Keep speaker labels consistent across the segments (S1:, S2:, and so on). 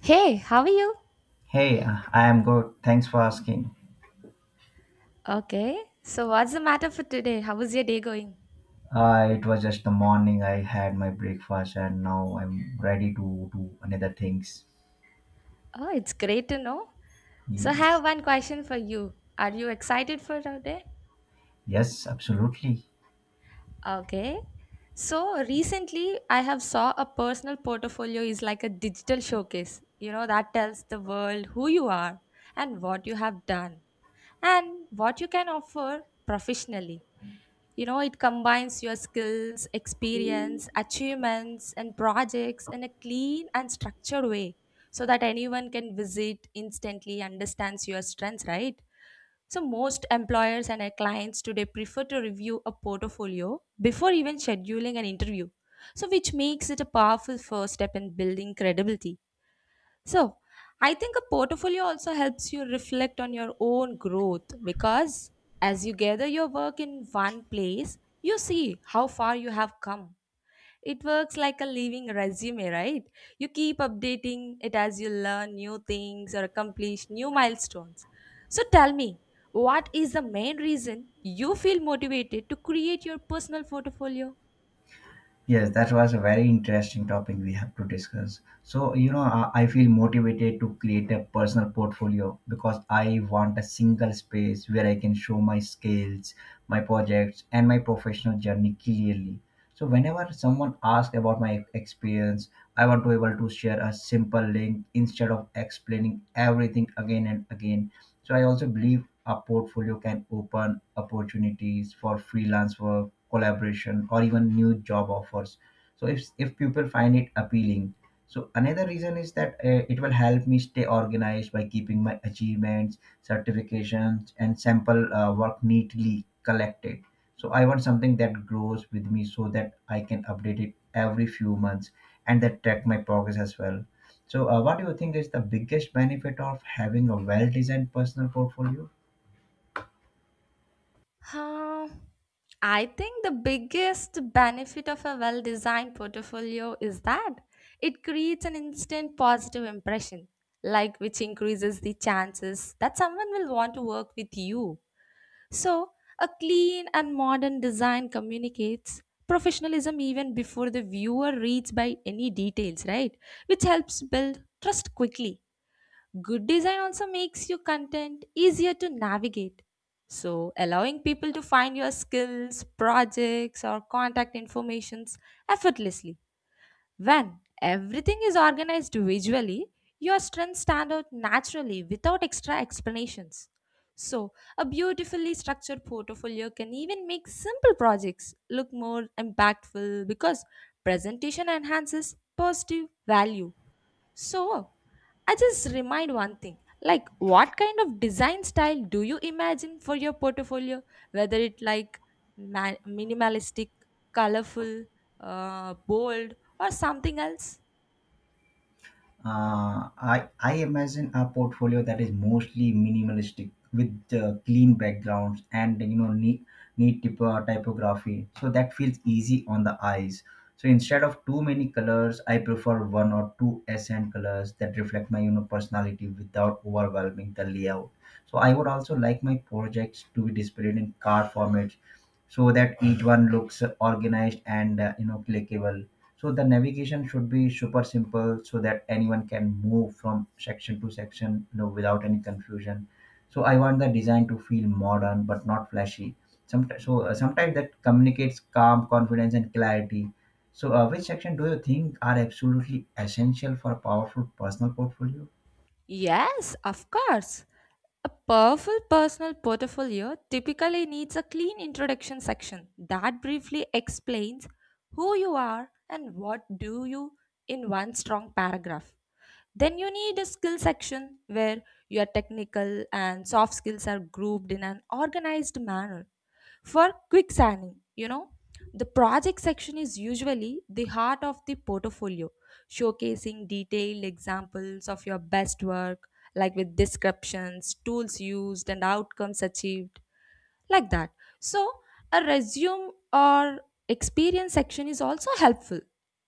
S1: Hey, how are you?
S2: Hey, I am good. Thanks for asking.
S1: Okay. So, what's the matter for today? How is your day going?
S2: It was just the morning. I had my breakfast and now I'm ready to do another things.
S1: Oh, it's great to know. So, I
S2: Yes.
S1: have one question for you. Are you excited for today?
S2: Yes, absolutely.
S1: Okay. So, recently I have saw a personal portfolio is like a digital showcase. You know, that tells the world who you are and what you have done and what you can offer professionally. You know, it combines your skills, experience, achievements, and projects in a clean and structured way so that anyone can visit instantly understands your strengths, right? So most employers and our clients today prefer to review a portfolio before even scheduling an interview. So which makes it a powerful first step in building credibility. So, I think a portfolio also helps you reflect on your own growth because as you gather your work in one place, you see how far you have come. It works like a living resume, right? You keep updating it as you learn new things or accomplish new milestones. So, tell me, what is the main reason you feel motivated to create your personal portfolio?
S2: Yes, that was a very interesting topic we have to discuss. So I feel motivated to create a personal portfolio because I want a single space where I can show my skills, my projects, and my professional journey clearly. So, whenever someone asks about my experience, I want to be able to share a simple link instead of explaining everything again and again. So I also believe a portfolio can open opportunities for freelance work, collaboration, or even new job offers. So if people find it appealing, so another reason is that it will help me stay organized by keeping my achievements, certifications, and sample work neatly collected. So I want something that grows with me so that I can update it every few months and that track my progress as well so, what do you think is the biggest benefit of having a well-designed personal portfolio?
S1: Huh. I think the biggest benefit of a well designed portfolio is that it creates an instant positive impression, like which increases the chances that someone will want to work with you. So, a clean and modern design communicates professionalism even before the viewer reads by any details, right? Which helps build trust quickly. Good design also makes your content easier to navigate. So, allowing people to find your skills, projects, or contact informations effortlessly. When everything is organized visually, your strengths stand out naturally without extra explanations. So, a beautifully structured portfolio can even make simple projects look more impactful because presentation enhances positive value. So, I just remind one thing like, what kind of design style do you imagine for your portfolio? Whether it like minimalistic, colorful, bold, or something else?
S2: I imagine a portfolio that is mostly minimalistic with clean backgrounds and typography, so that feels easy on the eyes. So instead of too many colors, I prefer one or two accent colors that reflect my personality without overwhelming the layout. So I would also like my projects to be displayed in card formats so that each one looks organized and clickable so the navigation should be super simple so that anyone can move from section to section, without any confusion. So I want the design to feel modern but not flashy. Sometimes, so sometimes that communicates calm, confidence, and clarity. So, which section do you think are absolutely essential for a powerful personal portfolio?
S1: Yes, of course. A powerful personal portfolio typically needs a clean introduction section that briefly explains who you are and what do you in one strong paragraph. Then you need a skill section where your technical and soft skills are grouped in an organized manner for quick signing, you know, the project section is usually the heart of the portfolio, showcasing detailed examples of your best work, like with descriptions, tools used, and outcomes achieved, like that. So, a resume or experience section is also helpful,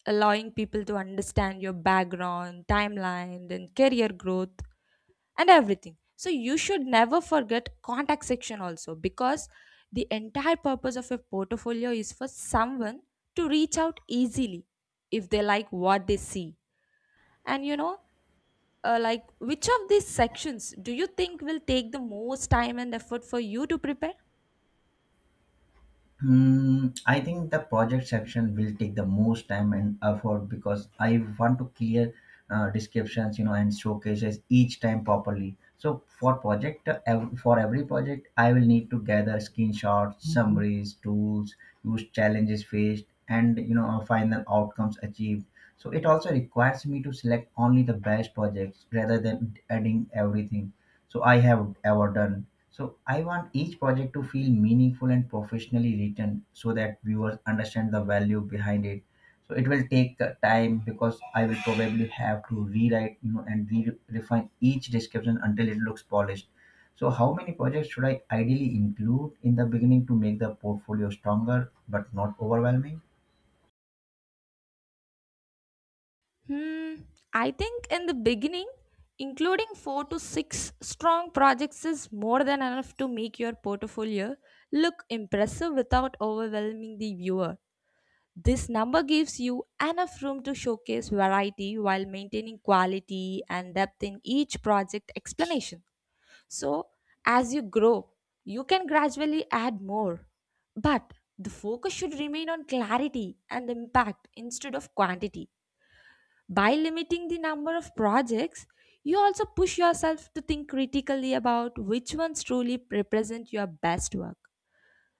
S1: allowing people to understand your background, timeline, and career growth and everything, so you should never forget contact section also because the entire purpose of a portfolio is for someone to reach out easily if they like what they see and you know, like which of these sections do you think will take the most time and effort for you to prepare?
S2: Hmm, I think the project section will take the most time and effort because I want to clear descriptions, and showcases each time properly. So for project, for every project, I will need to gather screenshots, summaries, tools, use challenges faced, and final outcomes achieved. So it also requires me to select only the best projects rather than adding everything. So I have ever done. So I want each project to feel meaningful and professionally written so that viewers understand the value behind it. So it will take time because I will probably have to rewrite, and refine each description until it looks polished. So how many projects should I ideally include in the beginning to make the portfolio stronger but not overwhelming?
S1: Hmm, I think in the beginning, including 4 to 6 strong projects is more than enough to make your portfolio look impressive without overwhelming the viewer. This number gives you enough room to showcase variety while maintaining quality and depth in each project explanation. So, as you grow, you can gradually add more. But the focus should remain on clarity and impact instead of quantity. By limiting the number of projects, you also push yourself to think critically about which ones truly represent your best work.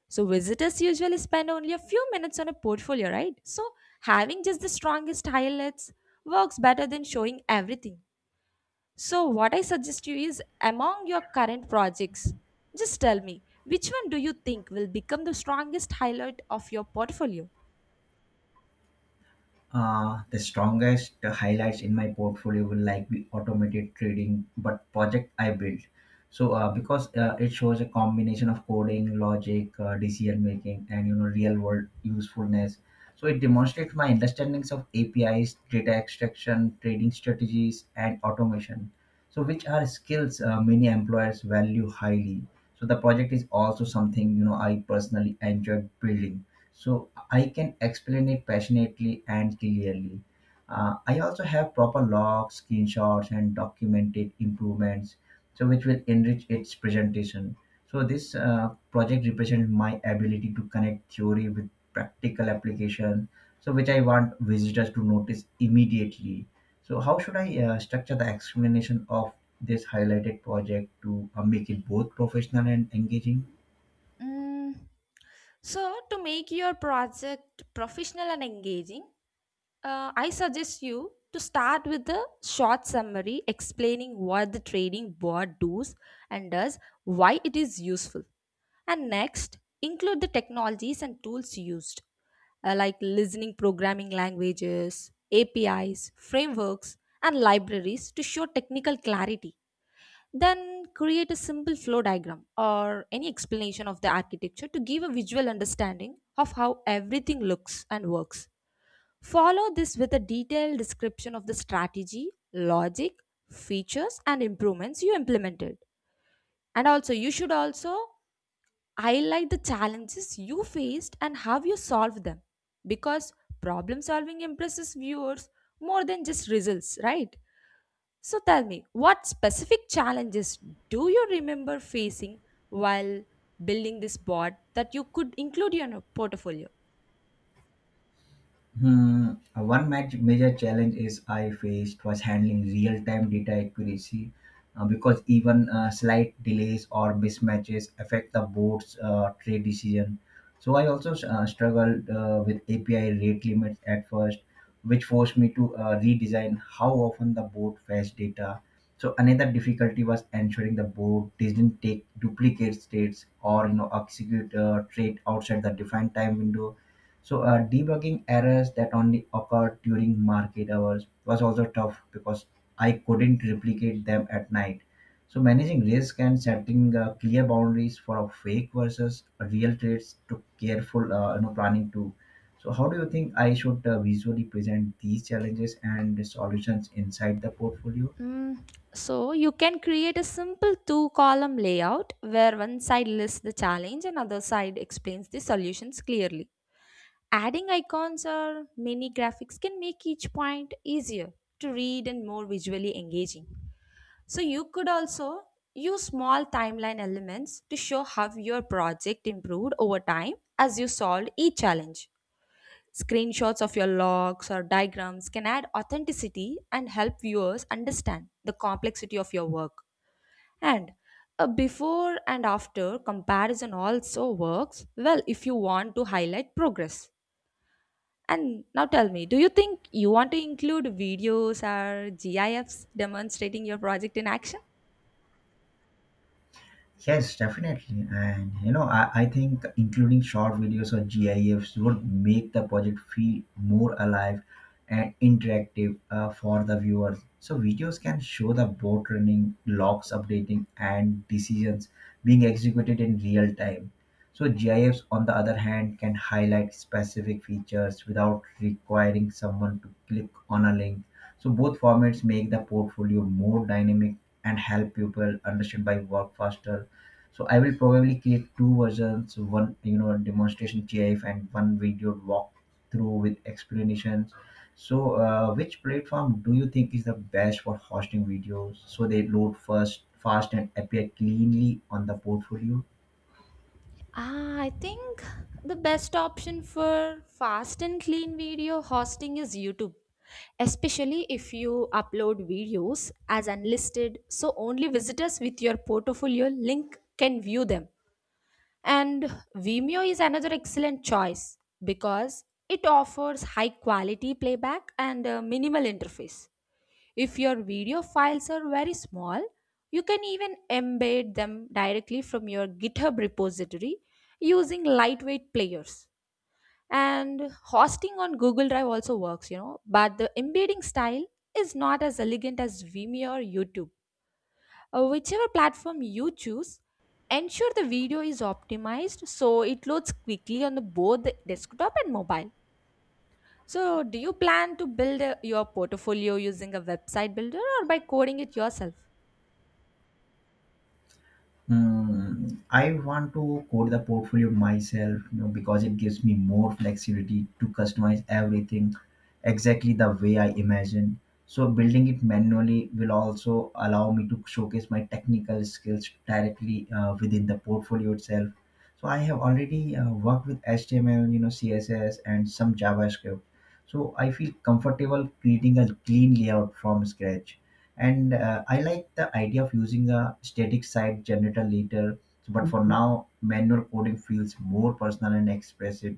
S1: So visitors usually spend only a few minutes on a portfolio, right? So having just the strongest highlights works better than showing everything. So what I suggest you is among your current projects, just tell me which one do you think will become the strongest highlight of your portfolio?
S2: The strongest highlights in my portfolio will like be automated trading, but project I built. So because it shows a combination of coding, logic, decision making, and real world usefulness. So it demonstrates my understandings of APIs, data extraction, trading strategies, and automation. So which are skills many employers value highly. So the project is also something I personally enjoyed building so I can explain it passionately and clearly. I also have proper logs, screenshots, and documented improvements, so which will enrich its presentation. So this project represents my ability to connect theory with practical application, so which I want visitors to notice immediately. So how should I structure the explanation of this highlighted project to make it both professional and engaging?
S1: Mm, so to make your project professional and engaging, I suggest you to start with a short summary explaining what the trading board does and does, why it is useful. And next, include the technologies and tools used, like listening programming languages, APIs, frameworks, and libraries to show technical clarity. Then create a simple flow diagram or any explanation of the architecture to give a visual understanding of how everything looks and works. Follow this with a detailed description of the strategy, logic, features, and improvements you implemented. And also, you should also highlight the challenges you faced and how you solved them because problem solving impresses viewers more than just results, right? So, tell me, what specific challenges do you remember facing while building this board that you could include in your portfolio?
S2: Hmm, one match major challenge is I faced was handling real-time data accuracy because even slight delays or mismatches affect the board's trade decision. So I also struggled with API rate limits at first, which forced me to redesign how often the board fetched data. So another difficulty was ensuring the board didn't take duplicate states or execute trade outside the defined time window so debugging errors that only occurred during market hours was also tough because I couldn't replicate them at night. So managing risk and setting clear boundaries for a fake versus a real trades took careful planning too. So how do you think I should visually present these challenges and the solutions inside the portfolio?
S1: Mm, so you can create a simple two column layout where one side lists the challenge and other side explains the solutions clearly. Adding icons or mini graphics can make each point easier to read and more visually engaging. So you could also use small timeline elements to show how your project improved over time as you solved each challenge. Screenshots of your logs or diagrams can add authenticity and help viewers understand the complexity of your work. And a before and after comparison also works well if you want to highlight progress. And now tell me, do you think you want to include videos or GIFs demonstrating your project in action?
S2: Yes, definitely. And I think including short videos or GIFs would make the project feel more alive and interactive for the viewers. So, videos can show the boat running, logs updating, and decisions being executed in real time. So, GIFs, on the other hand, can highlight specific features without requiring someone to click on a link. So, both formats make the portfolio more dynamic and help people understand by work faster so I will probably create two versions one demonstration gif and one video walkthrough with explanations so which platform do you think is the best for hosting videos so they load first fast and appear cleanly on the portfolio?
S1: Ah, I think the best option for fast and clean video hosting is YouTube, especially if you upload videos as unlisted, so only visitors with your portfolio link can view them. And Vimeo is another excellent choice because it offers high quality playback and a minimal interface. If your video files are very small, you can even embed them directly from your GitHub repository using lightweight players. And hosting on Google Drive also works, you know, but the embedding style is not as elegant as Vimeo or YouTube. Whichever platform you choose, ensure the video is optimized so it loads quickly on the- both the desktop and mobile. So, do you plan to build your portfolio using a website builder or by coding it yourself?
S2: Hmm, I want to code the portfolio myself, because it gives me more flexibility to customize everything exactly the way I imagine. So building it manually will also allow me to showcase my technical skills directly within the portfolio itself. So I have already worked with HTML, CSS, and some JavaScript. So I feel comfortable creating a clean layout from scratch. And I like the idea of using a static site generator later, but for now, manual coding feels more personal and expressive,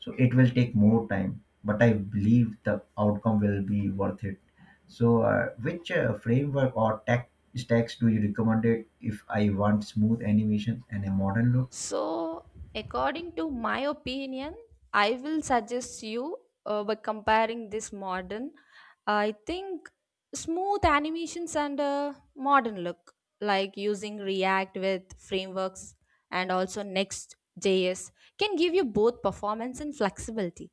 S2: so it will take more time. But I believe the outcome will be worth it. So, which framework or tech stacks do you recommend it if I want smooth animation and a modern look?
S1: So, according to my opinion, I will suggest you by comparing this modern. I think smooth animations and a modern look, like using React with frameworks and also Next.js, can give you both performance and flexibility.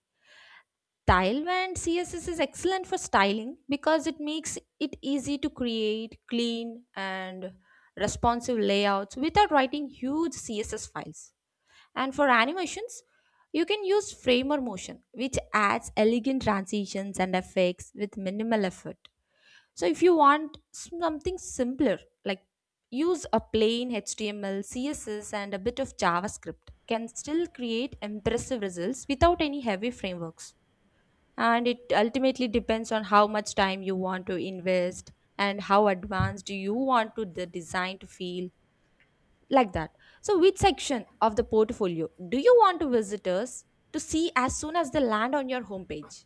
S1: Style and CSS is excellent for styling because it makes it easy to create clean and responsive layouts without writing huge CSS files, and for animations, you can use framer motion, which adds elegant transitions and effects with minimal effort. So if you want something simpler, like use a plain HTML, CSS, and a bit of JavaScript can still create impressive results without any heavy frameworks. And it ultimately depends on how much time you want to invest and how advanced you want to the design to feel, like that. So, which section of the portfolio do you want visitors to see as soon as they land on your homepage?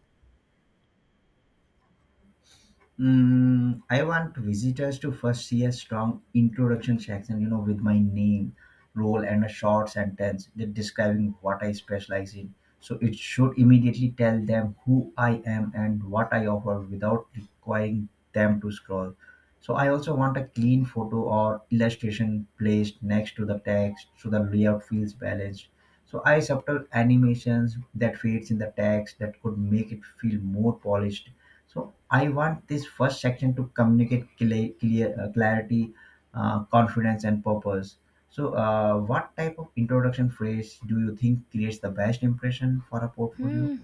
S2: Mm, I want visitors to first see a strong introduction section, with my name, role, and a short sentence that describing what I specialize in. So it should immediately tell them who I am and what I offer without requiring them to scroll. So I also want a clean photo or illustration placed next to the text so the layout feels balanced. So I subtle animations that fades in the text that could make it feel more polished. So I want this first section to communicate clear, clear clarity, confidence, and purpose. So what type of introduction phrase do you think creates the best impression for a portfolio?
S1: Hmm.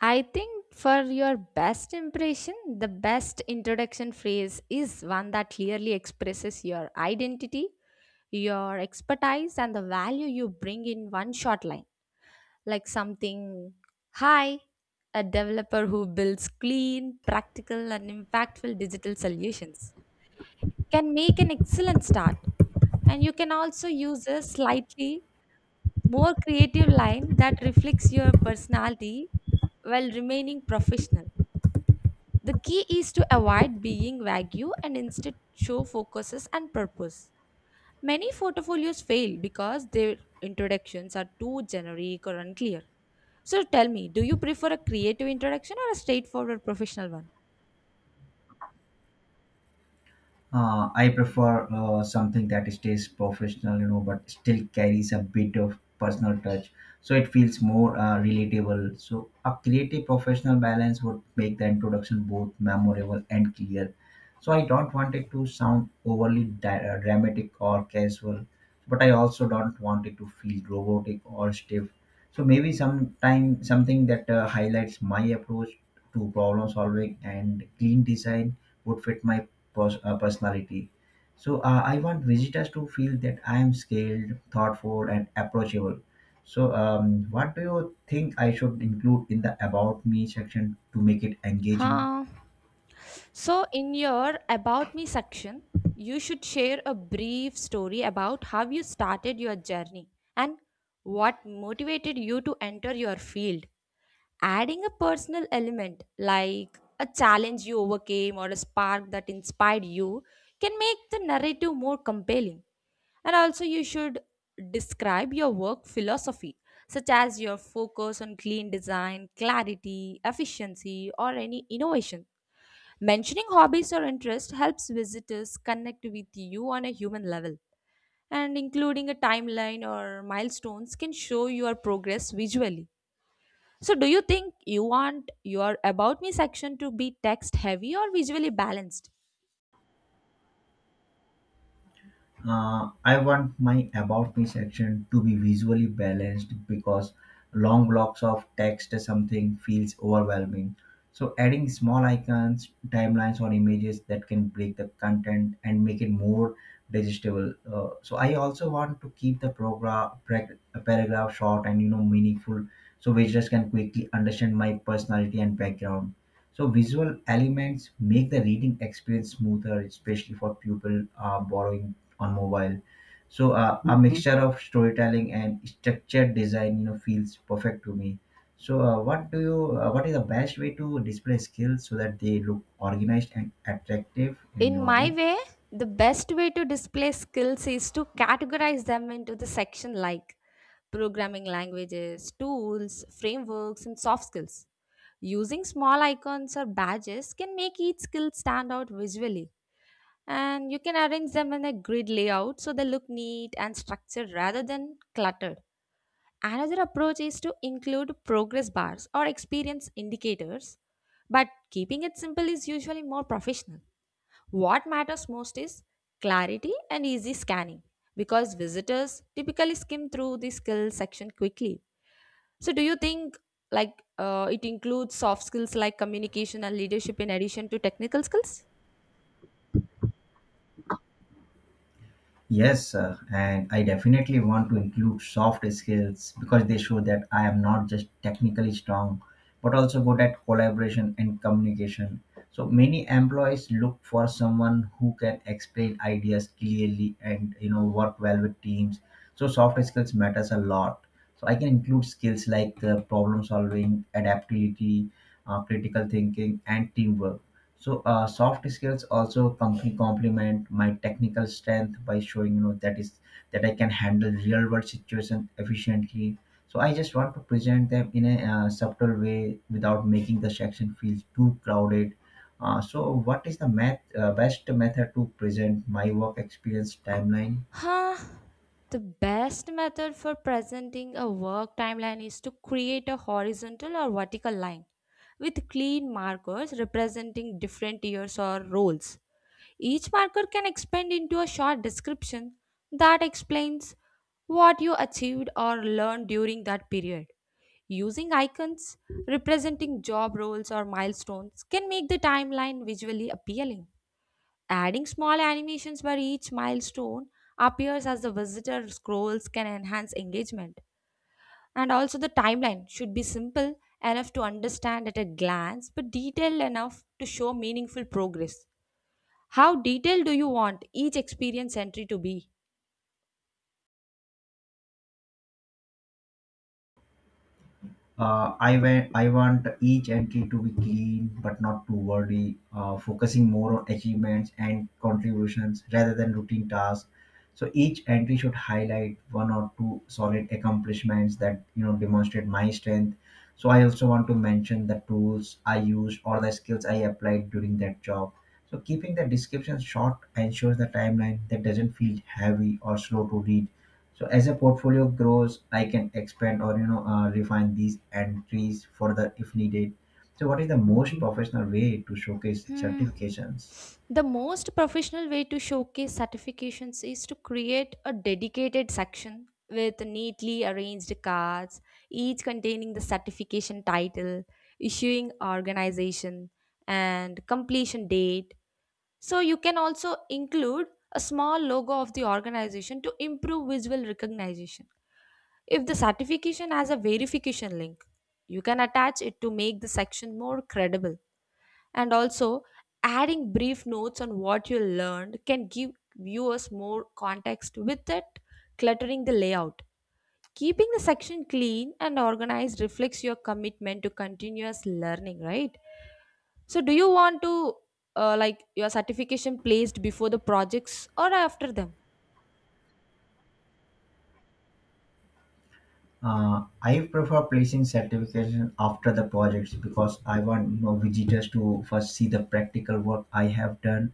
S1: I think for your best impression, the best introduction phrase is one that clearly expresses your identity, your expertise, and the value you bring in one short line. Like something, hi, a developer who builds clean, practical, and impactful digital solutions can make an excellent start. And you can also use a slightly more creative line that reflects your personality while remaining professional. The key is to avoid being vague and instead show focuses and purpose. Many portfolios fail because their introductions are too generic or unclear. So tell me, do you prefer a creative introduction or a straightforward professional one?
S2: I prefer something that stays professional, but still carries a bit of personal touch. So it feels more relatable. So a creative professional balance would make the introduction both memorable and clear. So I don't want it to sound overly dramatic or casual, but I also don't want it to feel robotic or stiff. So maybe sometime something that highlights my approach to problem solving and clean design would fit my personality. So I want visitors to feel that I am skilled, thoughtful, and approachable. So what do you think I should include in the about me section to make it engaging?
S1: Huh? So, in your About Me section, you should share a brief story about how you started your journey and what motivated you to enter your field. Adding a personal element like a challenge you overcame or a spark that inspired you can make the narrative more compelling. And also, you should describe your work philosophy, such as your focus on clean design, clarity, efficiency, or any innovation. Mentioning hobbies or interests helps visitors connect with you on a human level, and including a timeline or milestones can show your progress visually. So, do you think you want your About Me section to be text heavy or visually balanced?
S2: I want my About Me section to be visually balanced because long blocks of text or something feels overwhelming. So, adding small icons, timelines, or images that can break the content and make it more digestible. So, I also want to keep the program paragraph short and meaningful, so visitors can quickly understand my personality and background. So visual elements make the reading experience smoother, especially for people borrowing on mobile. So a mixture of storytelling and structured design, feels perfect to me. So what do you? What is the best way to display skills so that they look organized and attractive in
S1: In
S2: your way?
S1: my way, the best way to display skills is to categorize them into the section like programming languages, tools, frameworks, and soft skills. Using small icons or badges can make each skill stand out visually, and you can arrange them in a grid layout so they look neat and structured rather than cluttered. Another approach is to include progress bars or experience indicators, but keeping it simple is usually more professional. What matters most is clarity and easy scanning because visitors typically skim through the skills section quickly. So, do you think like it includes soft skills like communication and leadership in addition to technical skills?
S2: Yes, sir, and I definitely want to include soft skills because they show that I am not just technically strong, but also good at collaboration and communication. So many employees look for someone who can explain ideas clearly and work well with teams. So soft skills matters a lot. So I can include skills like problem solving, adaptability, critical thinking, and teamwork. So soft skills also company complement my technical strength by showing that I can handle real world situation efficiently. So I just want to present them in a subtle way without making the section feel too crowded. So what is the best method to present my work experience timeline?
S1: Huh? The best method for presenting a work timeline is to create a horizontal or vertical line with clean markers representing different years or roles. Each marker can expand into a short description that explains what you achieved or learned during that period. Using icons representing job roles or milestones can make the timeline visually appealing. Adding small animations by each milestone appears as the visitor scrolls can enhance engagement. And also, the timeline should be simple enough to understand at a glance, but detailed enough to show meaningful progress. How detailed do you want each experience entry to be?
S2: I want each entry to be clean but not too wordy, focusing more on achievements and contributions rather than routine tasks. So each entry should highlight one or two solid accomplishments that demonstrate my strength. So I also want to mention the tools I used or the skills I applied during that job. So keeping the description short ensures the timeline that doesn't feel heavy or slow to read, so as a portfolio grows, I can expand or refine these entries further if needed. So what is the most professional way to showcase
S1: Hmm.
S2: certifications?
S1: The most professional way to showcase certifications is to create a dedicated section with neatly arranged cards, each containing the certification title, issuing organization, and completion date. So you can also include a small logo of the organization to improve visual recognition. If the certification has a verification link, you can attach it to make the section more credible. And also, adding brief notes on what you learned can give viewers more context without cluttering the layout. Keeping the section clean and organized reflects your commitment to continuous learning, right? So, do you want to like your certification placed before the projects or after them?
S2: I prefer placing certification after the projects because I want visitors to first see the practical work I have done.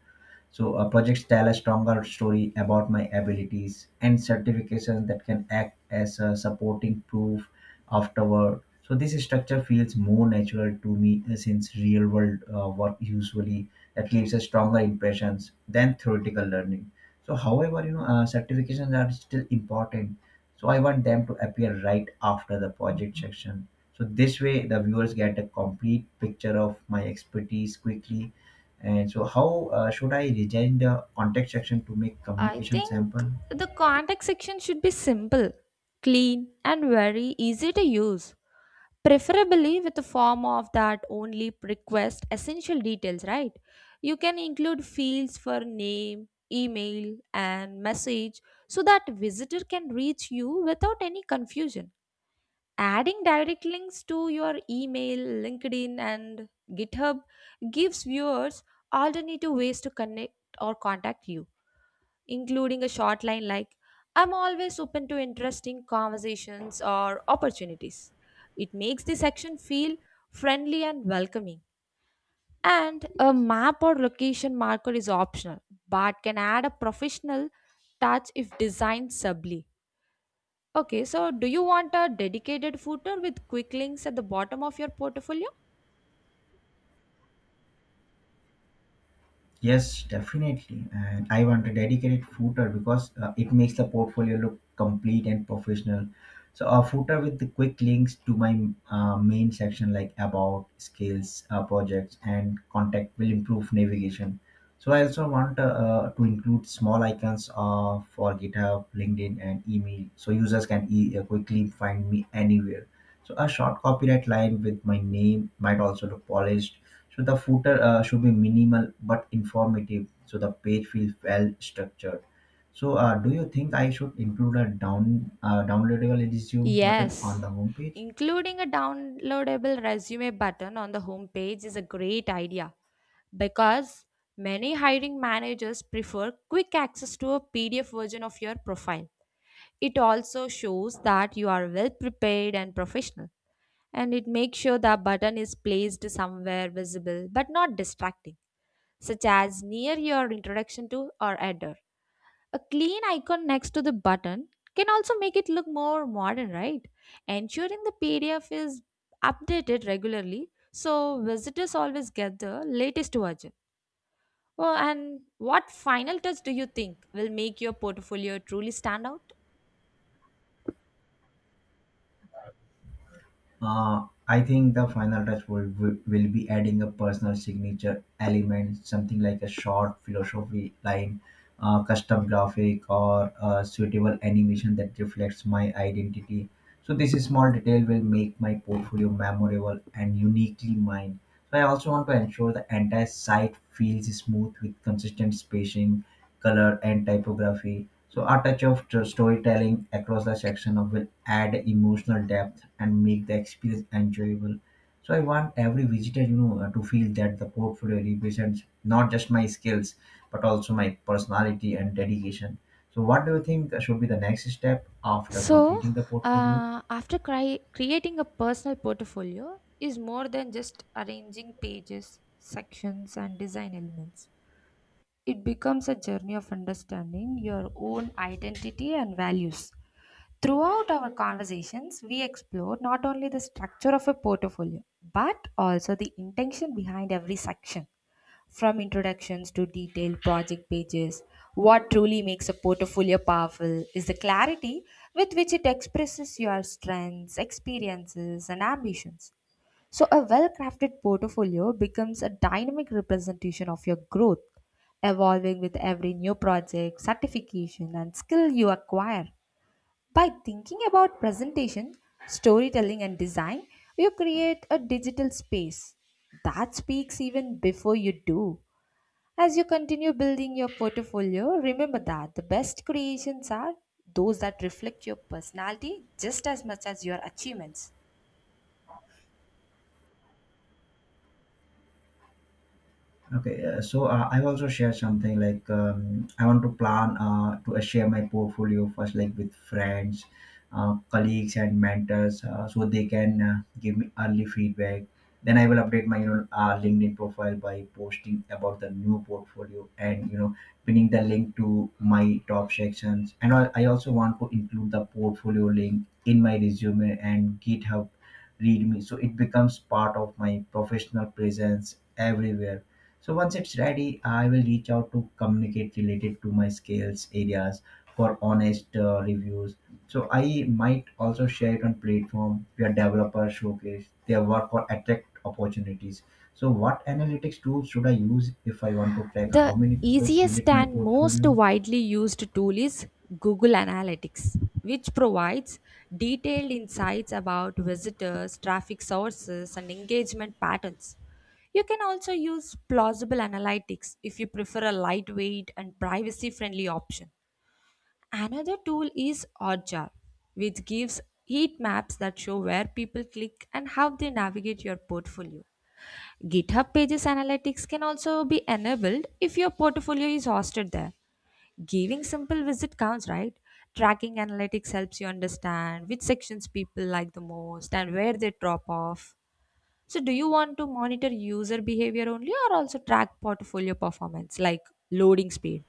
S2: So projects tell a stronger story about my abilities, and certifications that can act as a supporting proof afterward. So this structure feels more natural to me, since real world work usually that leaves a stronger impressions than theoretical learning. So however, certifications are still important. So I want them to appear right after the project section. So this way the viewers get a complete picture of my expertise quickly, and so how should I design the contact section to make
S1: I
S2: communication
S1: think
S2: sample?
S1: the contact section should be simple, clean, and very easy to use, preferably with a form of that only request essential details, right? You can include fields for name, email, and message so that visitor can reach you without any confusion. Adding direct links to your email, LinkedIn, and GitHub gives viewers alternative ways to connect or contact you including a short line like, I'm always open to interesting conversations or opportunities. It makes the section feel friendly and welcoming. And a map or location marker is optional but can add a professional touch if designed subtly. Okay, so do you want a dedicated footer with quick links at the bottom of your portfolio?
S2: Yes, definitely. And I want a dedicated footer because it makes the portfolio look complete and professional. So a footer with the quick links to my main section like about, skills, projects, and contact will improve navigation. So I also want to include small icons for GitHub, LinkedIn, and email, so users can quickly find me anywhere. So a short copyright line with my name might also look polished, so the footer should be minimal but informative, so the page feels well structured. So, do you think I should include a downloadable resume button on
S1: Yes.
S2: the homepage?
S1: Including a downloadable resume button on the homepage is a great idea because many hiring managers prefer quick access to a PDF version of your profile. It also shows that you are well prepared and professional, and it makes sure the button is placed somewhere visible but not distracting, such as near your introduction to or header. A clean icon next to the button can also make it look more modern, right? Ensuring the PDF is updated regularly so visitors always get the latest version. Oh, and what final touch do you think will make your portfolio truly stand out?
S2: I think the final touch will be adding a personal signature element, something like a short philosophy line, custom graphic, or a suitable animation that reflects my identity. So, this is small detail will make my portfolio memorable and uniquely mine. So, I also want to ensure the entire site feels smooth with consistent spacing, color, and typography, so a touch of storytelling across the section of will add emotional depth and make the experience enjoyable. So I want every visitor, to feel that the portfolio represents not just my skills but also my personality and dedication. So what do you think should be the next step after
S1: So,
S2: completing the portfolio?
S1: creating a personal portfolio is more than just arranging pages, sections, and design elements. It becomes a journey of understanding your own identity and values. Throughout our conversations, we explore not only the structure of a portfolio, but also the intention behind every section. From introductions to detailed project pages, what truly makes a portfolio powerful is the clarity with which it expresses your strengths, experiences, and ambitions. So, a well crafted portfolio becomes a dynamic representation of your growth, evolving with every new project, certification, and skill you acquire. By thinking about presentation, storytelling, and design, you create a digital space that speaks even before you do. As you continue building your portfolio, remember that the best creations are those that reflect your personality just as much as your achievements.
S2: Okay, so I've also shared something like I want to plan to share my portfolio first, like with friends, colleagues, and mentors, so they can give me early feedback. Then I will update my LinkedIn profile by posting about the new portfolio and pinning the link to my top sections. And I also want to include the portfolio link in my resume and GitHub readme, so it becomes part of my professional presence everywhere, so once it's ready, I will reach out to communicate related to my skills areas for honest reviews. So I might also share it on platform where developers showcase their work for attract opportunities. So what analytics tools should I use if I want to track how
S1: The
S2: many people
S1: easiest
S2: visit my
S1: and most
S2: portfolio?
S1: widely used tool is Google Analytics, which provides detailed insights about visitors, traffic sources, and engagement patterns. You can also use Plausible Analytics if you prefer a lightweight and privacy friendly option. Another tool is Oddjar, which gives heat maps that show where people click and how they navigate your portfolio. GitHub Pages Analytics can also be enabled if your portfolio is hosted there. Giving simple visit counts, right? Tracking analytics helps you understand which sections people like the most and where they drop off. So, do you want to monitor user behavior only or also track portfolio performance like loading speed?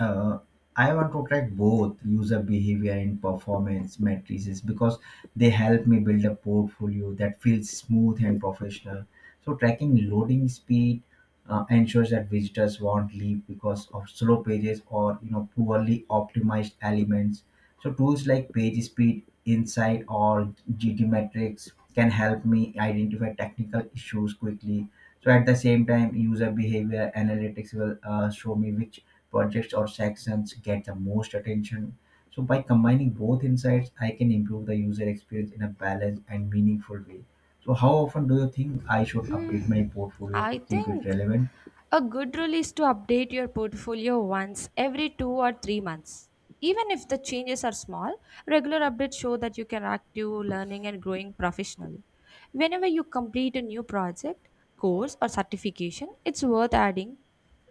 S2: uh, I want to track both user behavior and performance matrices because they help me build a portfolio that feels smooth and professional. So tracking loading speed ensures that visitors won't leave because of slow pages or poorly optimized elements. So tools like Page Speed Insight or GT Metrics can help me identify technical issues quickly. So at the same time, user behavior analytics will show me which projects or sections get the most attention. So by combining both insights, I can improve the user experience in a balanced and meaningful way. So how often do you think I should update
S1: Hmm,
S2: my portfolio to
S1: I
S2: keep it
S1: think
S2: relevant?
S1: a good rule is to update your portfolio once every two or three months. Even if the changes are small, regular updates show that you can active learning and growing professionally. Whenever you complete a new project, course, or certification, it's worth adding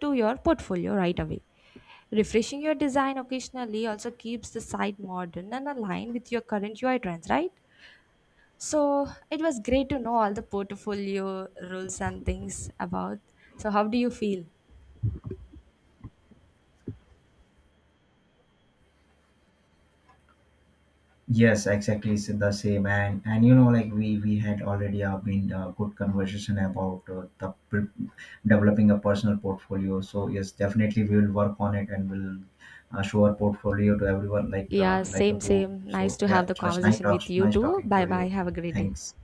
S1: to your portfolio right away. Refreshing your design occasionally also keeps the site modern and aligned with your current UI trends, right? So it was great to know all the portfolio rules and things about. So how do you feel?
S2: Yes, exactly. It's the same, and and we had already been good conversation about developing a personal portfolio. So yes, definitely we will work on it, and we'll show our portfolio to everyone
S1: Yeah,
S2: like a
S1: same,
S2: boom.
S1: same. Nice
S2: So
S1: to
S2: yeah,
S1: have the
S2: it was nice
S1: conversation
S2: talk,
S1: with you
S2: nice
S1: too.
S2: talking to
S1: Bye
S2: you.
S1: bye. Have a great day.
S2: Thanks.